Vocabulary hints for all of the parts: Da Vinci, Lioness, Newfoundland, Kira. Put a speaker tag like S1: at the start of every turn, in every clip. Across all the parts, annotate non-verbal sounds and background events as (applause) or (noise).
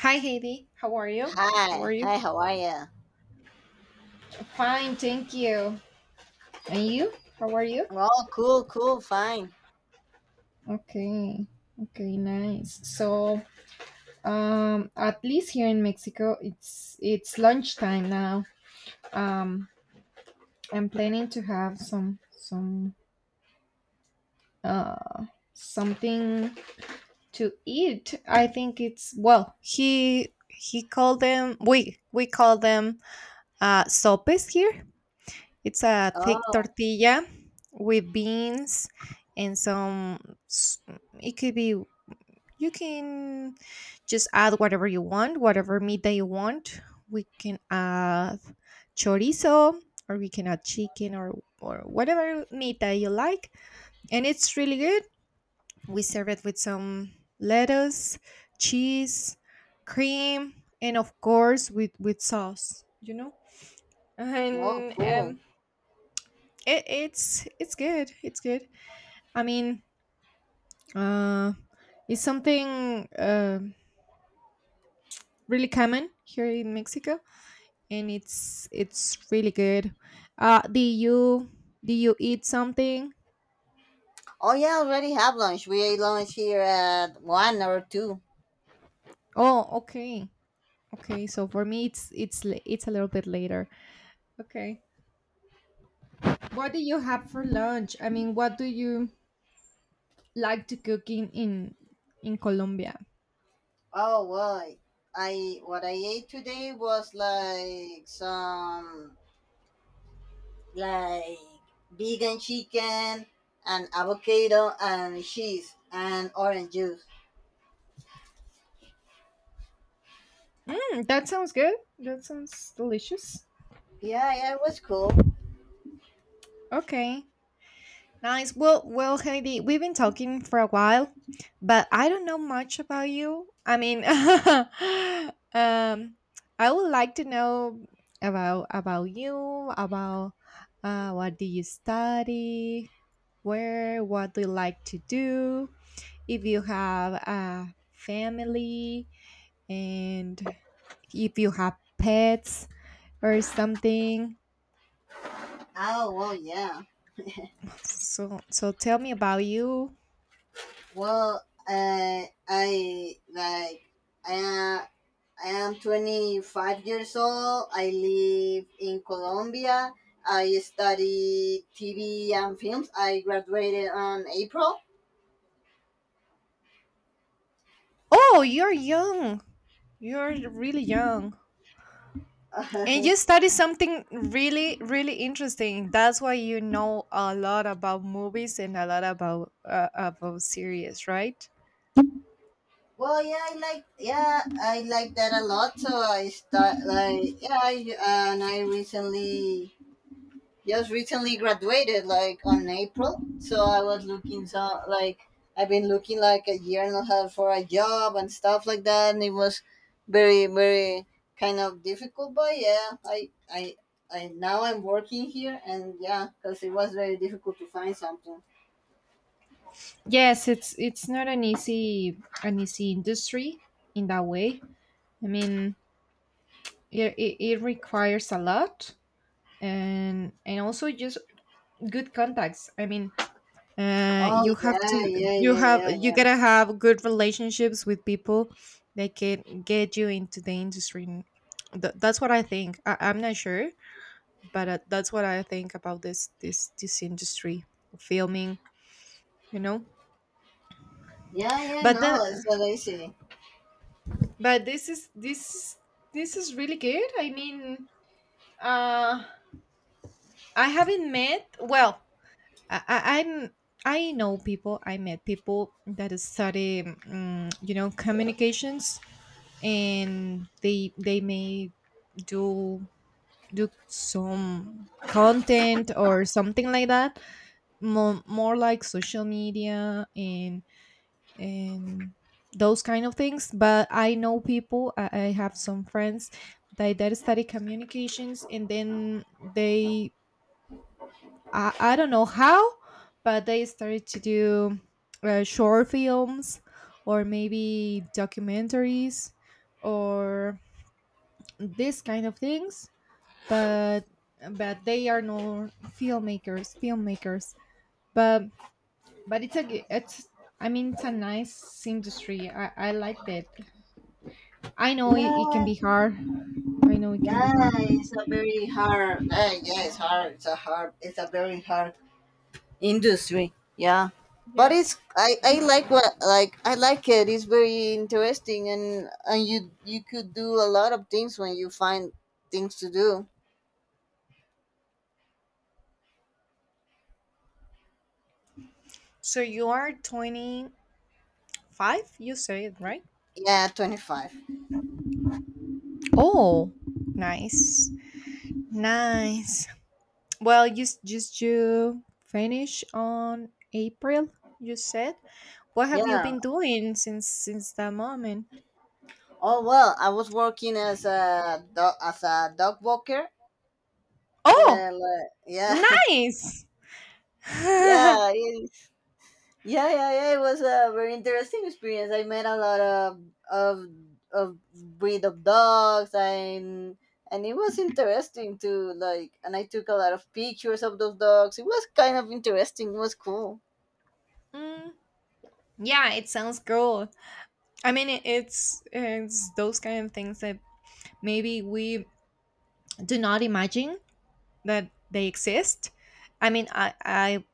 S1: Hi, Heidi. How are you? How are
S2: Hi,
S1: you?
S2: hi, how are you?
S1: Fine, thank you. And you? How are you?
S2: Oh, cool, cool, fine.
S1: Okay. Okay, nice. So, at least here in Mexico, it's lunchtime now. Um, I'm planning to have some uh something to eat. I think it's well. He called them. We call them sopes here. It's a thick
S2: Oh,
S1: tortilla with beans and some. s- It could be. You can just add whatever you want, whatever meat that you want. We can add chorizo, or we can add chicken, or whatever meat that you like, and it's really good. We serve it with some lettuce, cheese, cream, and of course with sauce. You know,
S2: oh,
S1: and
S2: cool.
S1: it's good. I mean, uh it's something really common here in Mexico, and it's really good. uh do you do you eat something?
S2: Oh, yeah, already have lunch. We ate lunch here at one or two.
S1: Oh, okay. Okay, so for me it's a little bit later. Okay, what do you have for lunch? I mean, what do you like to cook in Colombia?
S2: Oh, well, I what I ate today was like some like vegan chicken and avocado and cheese and orange juice.
S1: That sounds good. That sounds delicious.
S2: Yeah, yeah, it was cool.
S1: Okay. Nice. Well, Heidi, we've been talking for a while, but I don't know much about you. I mean, (laughs) I would like to know about you, about what do you study, where, what do you like to do, if you have a family, and if you have pets or something.
S2: Oh, well, yeah.
S1: So, tell me about you.
S2: Well, I am I am 25 years old. I live in Colombia. I study TV and films. I graduated on April.
S1: Oh, you're young. You're really young. And you
S2: (laughs)
S1: study something really, really interesting. That's why you know a lot about movies and a lot about series, right?
S2: Well, yeah, I like that a lot. So I start like yeah, I recently just recently graduated like on April. So I've been looking like a year and a half for a job and stuff like that, and it was very, very kind of difficult. But yeah, I now I'm working here, and yeah, because it was very difficult to find something.
S1: Yes, it's not an easy industry in that way. I mean, it requires a lot, and also just good contacts. I mean,
S2: Oh,
S1: you have to
S2: yeah, yeah,
S1: you
S2: yeah,
S1: have
S2: yeah,
S1: you
S2: yeah,
S1: gotta have good relationships with people that can get you into the industry, and that's what I think. I'm not sure, but that's what I think about this industry, filming you know
S2: yeah, yeah,
S1: but
S2: no, it's
S1: the
S2: so lazy.
S1: but this is really good. I mean, uh I haven't met well, i, I i'm I know people. I met people that study, communications, and they may do do some content or something like that, more like social media, and those kind of things. But I know people. I have some friends that study communications, and then I don't know how, but they started to do short films, or maybe documentaries, or this kind of things. But but they are no filmmakers. but but it's I mean, it's a nice industry. I liked it. I know it can
S2: Yeah,
S1: be hard. I know it can
S2: yeah,
S1: be hard.
S2: it's a very hard, yeah, it's a very hard industry, yeah. But
S1: Yeah.
S2: it's I like, what like I like it it's very interesting, and you could do a lot of things when you find things to do.
S1: So you are 25, you said, right?
S2: Yeah, 25.
S1: Oh, nice. Nice. Well, just you finish on April, you said. What have you
S2: Yeah.
S1: been doing since that moment?
S2: Oh, well, I was working as a dog walker.
S1: Oh,
S2: Yeah, like, yeah. (laughs)
S1: nice. (laughs)
S2: Yeah, yeah, yeah, yeah. It was a very interesting experience. I met a lot of of breed of dogs, and it was interesting to like. And I took a lot of pictures of those dogs. It was kind of interesting. It was cool.
S1: Mm, yeah, it sounds cool. I mean, it's those kind of things that maybe we do not imagine that they exist. I mean, I I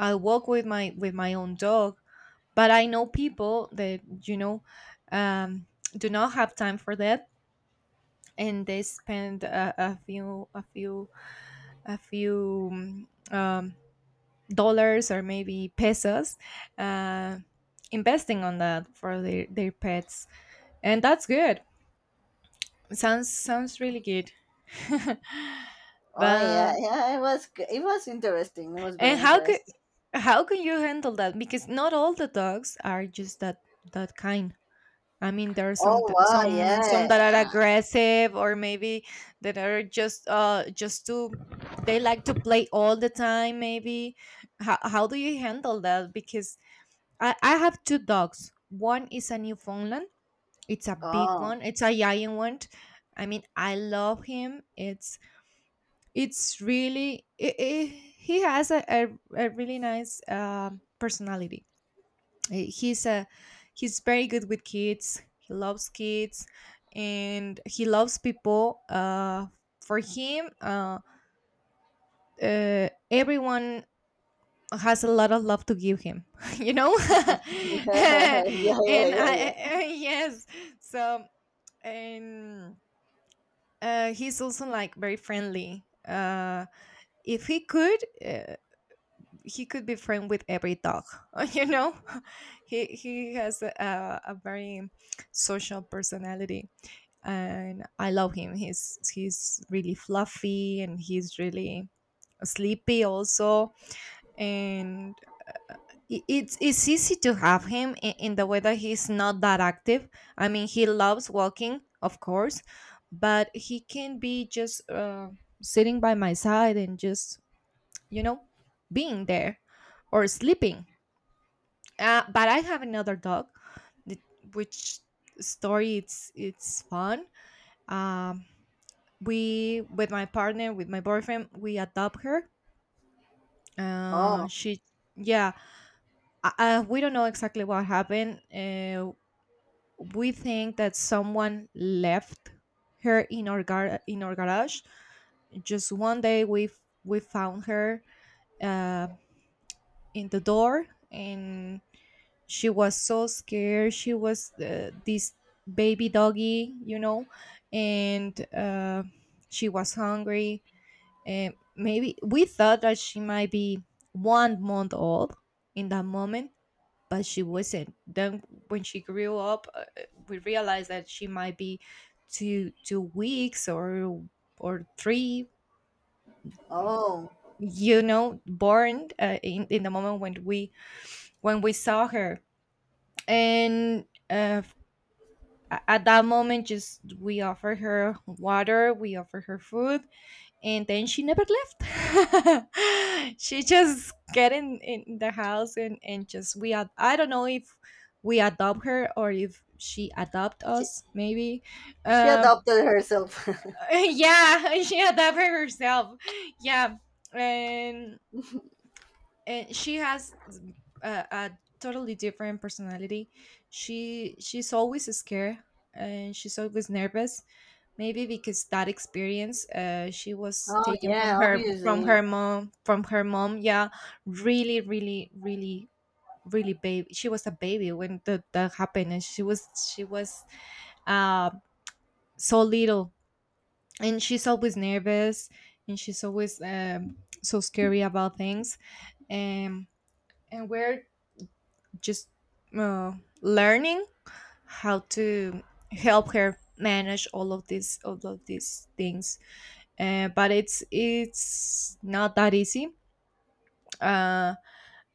S1: I walk with my own dog, but I know people that you know um, do not have time for that, and they spend a few um, dollars or maybe pesos, uh, investing on that for their pets. And that's good. Sounds really good. (laughs)
S2: Oh,
S1: but
S2: yeah, yeah. It was interesting. It was
S1: and
S2: very
S1: how could
S2: interesting.
S1: how can you handle that, because not all the dogs are just that kind? I mean, there are some
S2: Oh,
S1: t-
S2: wow,
S1: some that are
S2: yeah.
S1: aggressive, or maybe that are just to they like to play all the time, maybe. How do you handle that? Because I have two dogs. One is a Newfoundland. It's a big
S2: Oh,
S1: one. It's a giant one. I mean, I love him. It's really I he has a really nice personality. He- He's a he's very good with kids. He loves kids, and he loves people. For him, everyone has a lot of love to give him, (laughs) you know. (laughs)
S2: (laughs)
S1: and
S2: yeah, yeah, yeah, yeah.
S1: I (laughs) yes, so and he's also like very friendly. If he could uh, he could be friend with every dog, (laughs) you know. (laughs) He has a very social personality, and I love him. He's really fluffy, and he's really sleepy also. And it's easy to have him, in the way that he's not that active. I mean, he loves walking, of course, but he can be just sitting by my side and just you know being there or sleeping. But I have another dog, th- which story it's fun. Um, we with my partner with my boyfriend we adopt her.
S2: Oh,
S1: She Yeah, we don't know exactly what happened. We think that someone left her in our garage. Just one day, we found her, uh, in the door, and she was so scared. She was this baby doggy, and she was hungry. And maybe we thought that she might be 1 month old in that moment, but she wasn't. Then, when she grew up, we realized that she might be two weeks, or three,
S2: oh.
S1: born in the moment when we saw her, and uh, at that moment, just we offer her water, we offer her food, and then she never left. (laughs) She just get in the house, and just I don't know if we adopt her or if she adopt
S2: She,
S1: us, maybe.
S2: she
S1: um
S2: adopted herself.
S1: (laughs)
S2: (laughs)
S1: yeah. (laughs) She adopted herself. Yeah, and and she has a totally different personality. She's always scared, and she's always nervous. Maybe because that experience, she was
S2: Oh,
S1: taken from
S2: yeah,
S1: her from
S2: obviously.
S1: her mom from her mom, yeah, really, really, really, really baby. She was a baby when that happened, and she was uh, so little, and she's always nervous, and she's always so scary about things, and and we're just uh, learning how to help her manage all of these things. But it's not that easy. Uh,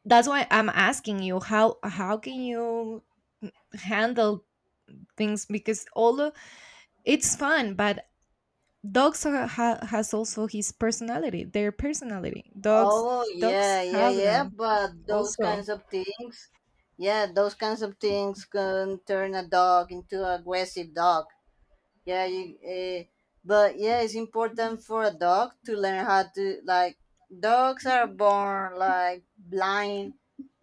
S1: that's why I'm asking you how can you handle things, because, although it's fun, but dogs has also their personality. Dogs
S2: Oh,
S1: dogs
S2: yeah, yeah,
S1: have
S2: yeah.
S1: them
S2: But those
S1: also.
S2: kinds of things, yeah, those kinds of things can turn a dog into an aggressive dog. Yeah, you. But yeah, it's important for a dog to learn how to like. Dogs are born like blind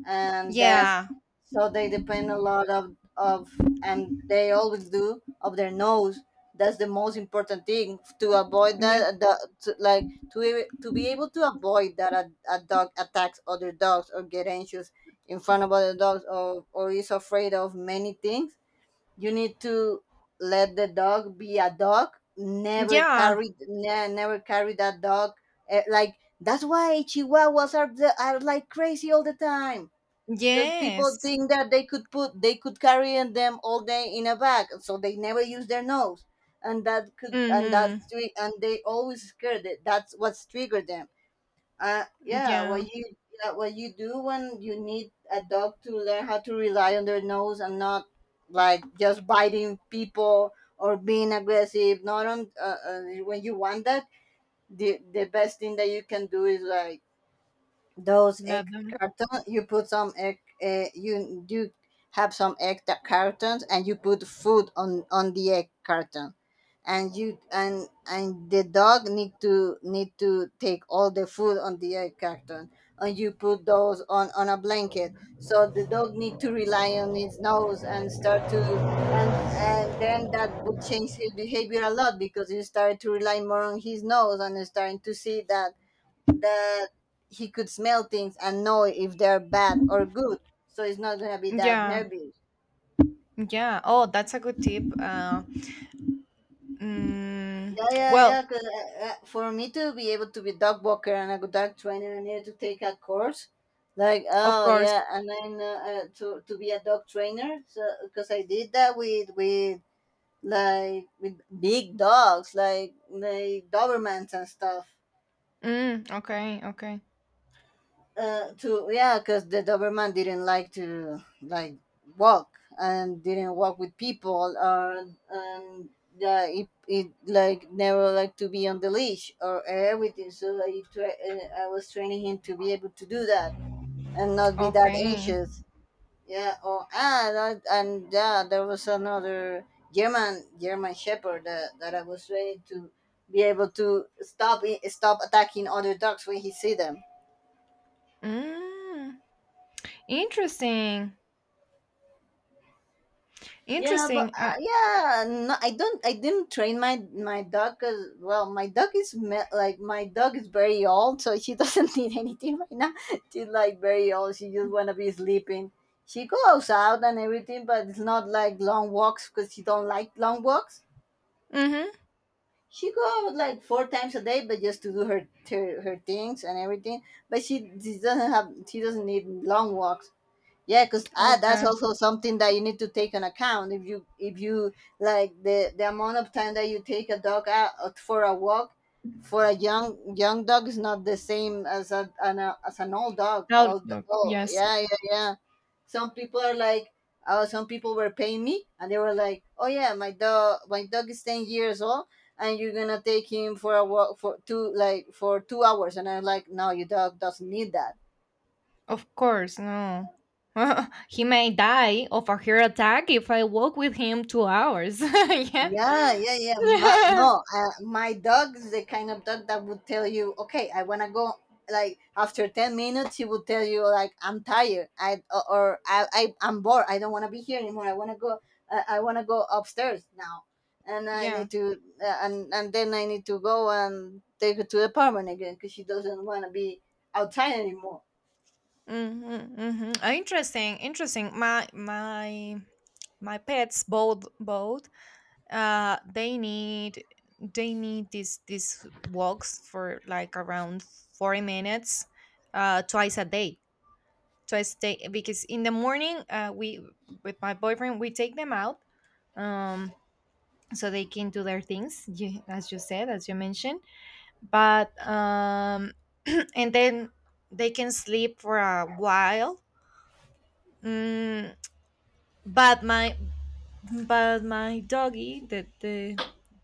S2: and deaf,
S1: Yeah,
S2: so they depend a lot of and they always do, of their nose. That's the most important thing, to avoid
S1: yeah,
S2: that, the, to, like to be able to avoid that a dog attacks other dogs or get anxious in front of other dogs, or is afraid of many things. You need to let the dog be a dog. never
S1: yeah,
S2: carry ne- never carry that dog, eh, like that's why chihuahuas are, are like crazy all the time, because people
S1: yes.
S2: think that they could carry in them all day in a bag, so they never use their nose.
S1: Mm-hmm.
S2: And they always scared it, that's what's triggered them. uh yeah what
S1: Yeah,
S2: you yeah, what you do when you need a dog to learn how to rely on their nose and not like just biting people or being aggressive, not on when you want that, the best thing that you can do is like those egg
S1: love them.
S2: cartons. You put some egg, you do have some egg that cartons, and you put food on the egg carton, and the dog need to take all the food on the egg carton, and you put those on a blanket, so the dog need to rely on its nose and start to. And, and then that would change his behavior a lot, because he started to rely more on his nose and is starting to see that that he could smell things and know if they're bad or good. So it's not gonna be that
S1: Yeah,
S2: nervy.
S1: yeah. Oh, that's a good tip. Mm,
S2: Yeah, yeah,
S1: well,
S2: yeah. 'Cause, for me to be able to be dog walker and a good dog trainer, I needed to take a course. Like,
S1: of
S2: oh,
S1: course.
S2: yeah, and then to be a dog trainer. So because I did that with like with big dogs, like Dobermans and stuff.
S1: Okay, okay.
S2: To Yeah, because the Doberman didn't like to like walk, and didn't walk with people, or and yeah, it like never like to be on the leash or everything. So I was training him to be able to do that, and not be that
S1: Okay.
S2: anxious. Yeah. Oh, ah, that, and yeah, there was another German Shepherd that, I was training to be able to stop attacking other dogs when he see them.
S1: Mm, interesting.
S2: Yeah, but
S1: Interesting.
S2: yeah, no, I don't. I didn't train my dog, 'cause well, my dog is very old, so she doesn't (laughs) need anything right now. She's like very old. She just wanna be sleeping. She goes out and everything, but it's not like long walks because she don't like long walks.
S1: Mm-hmm.
S2: She goes like four times a day, but just to do her her things and everything. But she doesn't have, she doesn't need long walks. Yeah, because that's
S1: Okay.
S2: also something that you need to take on account, if you like the amount of time that you take a dog out for a walk. For a young dog is not the same as as an old dog,
S1: Now,
S2: old.
S1: no,
S2: Oh,
S1: yes,
S2: yeah, yeah, yeah. some people are like Oh, some people were paying me, and they were like, oh, yeah, my dog, is 10 years old, and you're gonna take him for a walk for two like for 2 hours, and I'm like, no, your dog doesn't need that.
S1: of course, no. (laughs) He may die of a heart attack if I walk with him 2 hours. (laughs) Yeah.
S2: Yeah, yeah, yeah. No,
S1: (laughs)
S2: my dog is the kind of dog that would tell you, okay, I want to go. Like, after 10 minutes, he would tell you, like, I'm tired, I or I I'm bored. I don't want to be here anymore. I want to go. I want to go upstairs now, and I
S1: Yeah.
S2: need to, and then I need to go and take her to the apartment again, because she doesn't want to be outside anymore.
S1: Mm-hmm, mm-hmm. Interesting, interesting. My pets, both, uh they need they need these walks for like around 40 minutes, twice a day, because in the morning, we with my boyfriend we take them out, um so they can do their things, you, as you mentioned, but (clears throat) and then they can sleep for a while. mm, but my but my doggy, the the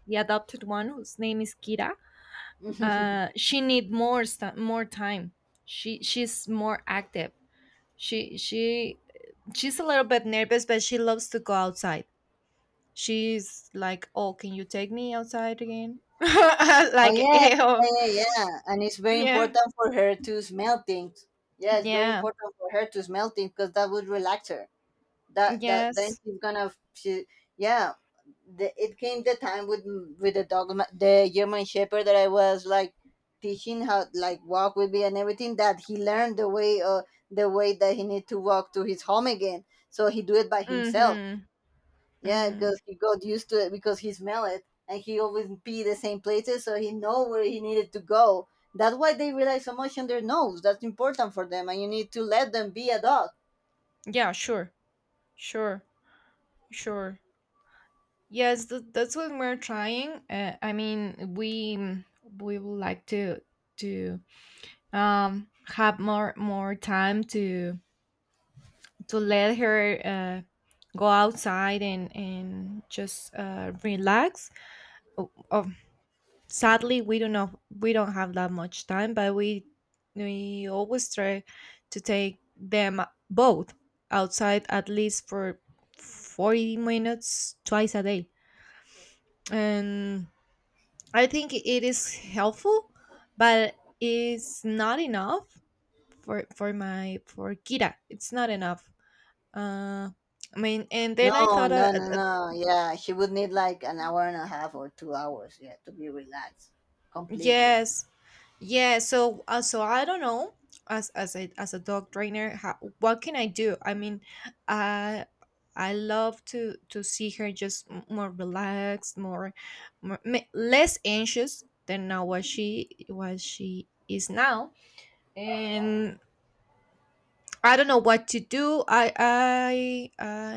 S1: the adopted one, whose name is Kira, she need more time. She's more active. She she she's a little bit nervous, but she loves to go outside. She's like, oh, can you take me outside again? (laughs)
S2: Oh,
S1: Like,
S2: yeah,
S1: ew.
S2: yeah, yeah, yeah. And it's very
S1: Yeah,
S2: important for her to smell things. Yeah, it's very
S1: yeah,
S2: important for her to smell things, because that would relax her. That then
S1: yes.
S2: she's gonna she, yeah. It came the time with the the German Shepherd, that I was like teaching how like walk with me and everything, that he learned the way, that he need to walk to his home again. So he do it by himself,
S1: Mm-hmm,
S2: yeah,
S1: mm-hmm.
S2: because he got used to it, because he smelled it, and he always pee the same places, so he know where he needed to go. That's why they rely so much on their nose. That's important for them, and you need to let them be a dog.
S1: Yeah, sure, sure, sure. Yes, that's what we're trying, I mean, we would like to have more time to let her, go outside, and just relax. Oh, oh, sadly, we don't have that much time, but we always try to take them both outside at least for 40 minutes twice a day, and I think it is helpful, but it's not enough for Kira. It's not enough. Uh, I mean, and then I
S2: No,
S1: thought,
S2: no, no, no. Yeah, she would need like an hour and a half or 2 hours. Yeah, to be relaxed completely.
S1: yes, yes. So I don't know. As a dog trainer, what can I do? I mean, I I love to see her, just more relaxed, less anxious than now, what she is now, and I don't know what to do. I.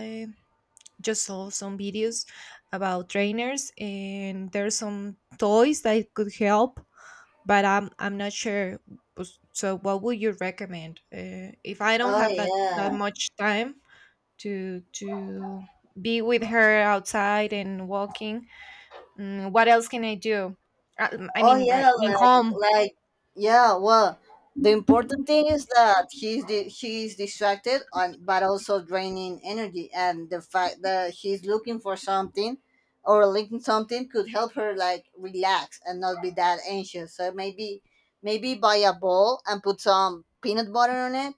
S1: just saw some videos about trainers, and there's some toys that could help, but I'm not sure. Pues, so what would you recommend, if I don't
S2: Oh,
S1: have that
S2: yeah,
S1: much time to be with her outside and walking? What else can I do? i, I
S2: oh,
S1: mean, right
S2: yeah,
S1: in
S2: like,
S1: home.
S2: yeah. Well, the important thing is that he's distracted, and but also draining energy, and the fact that he's looking for something or linking something could help her like relax and not be that anxious. So maybe buy a bowl and put some peanut butter on it,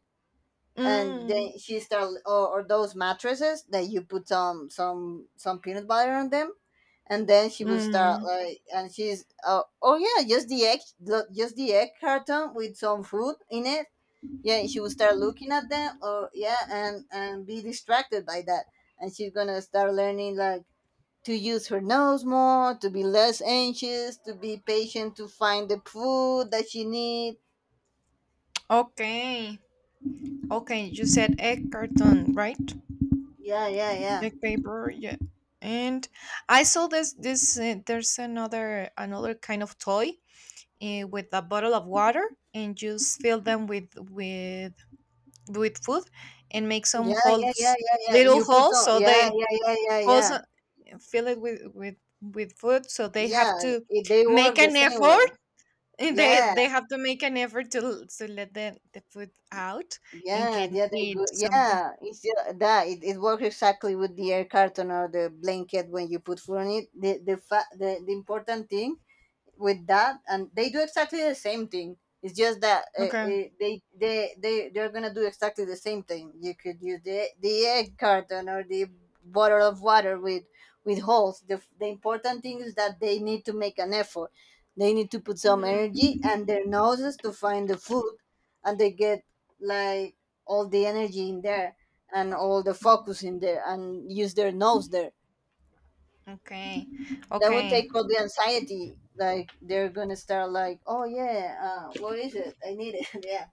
S2: and
S1: mm,
S2: then she start, or those mattresses that you put some peanut butter on them, and then she would start
S1: mm,
S2: like, and she's, oh, yeah, just the just the egg carton with some food in it. Yeah, she would start looking at them, or yeah, and be distracted by that, and she's gonna start learning like to use her nose more, to be less anxious, to be patient, to find the food that she needs.
S1: okay, okay, you said egg carton, right?
S2: Yeah, yeah, yeah.
S1: Black paper, yeah. And I saw this this there's another kind of toy, with a bottle of water, and just fill them with food and make some
S2: Yeah, yeah, yeah,
S1: holes,
S2: yeah, yeah.
S1: little
S2: You put
S1: holes,
S2: on.
S1: so
S2: Yeah,
S1: they,
S2: yeah, yeah, yeah,
S1: holes
S2: yeah.
S1: fill it with food, so they
S2: Yeah,
S1: have to
S2: they
S1: make
S2: work the
S1: an
S2: same
S1: effort,
S2: way.
S1: and they
S2: Yeah,
S1: they have to make an effort to let the food out and
S2: yeah,
S1: can
S2: yeah. They
S1: eat
S2: go.
S1: something.
S2: Yeah, it's that. It works exactly with the air carton or the blanket when you put food on it. The important thing with that, and they do exactly the same thing, it's just that,
S1: Okay.
S2: they're gonna do exactly the same thing. You could use the egg carton or the bottle of water with holes. The important thing is that they need to make an effort, they need to put some
S1: Mhm.
S2: energy and their noses to find the food, and they get like all the energy in there, and all the focus in there, and use their nose there.
S1: Okay,
S2: That would
S1: okay.
S2: take all the anxiety. Like they're gonna start like, oh, yeah, what is it? I need it. (laughs) Yeah.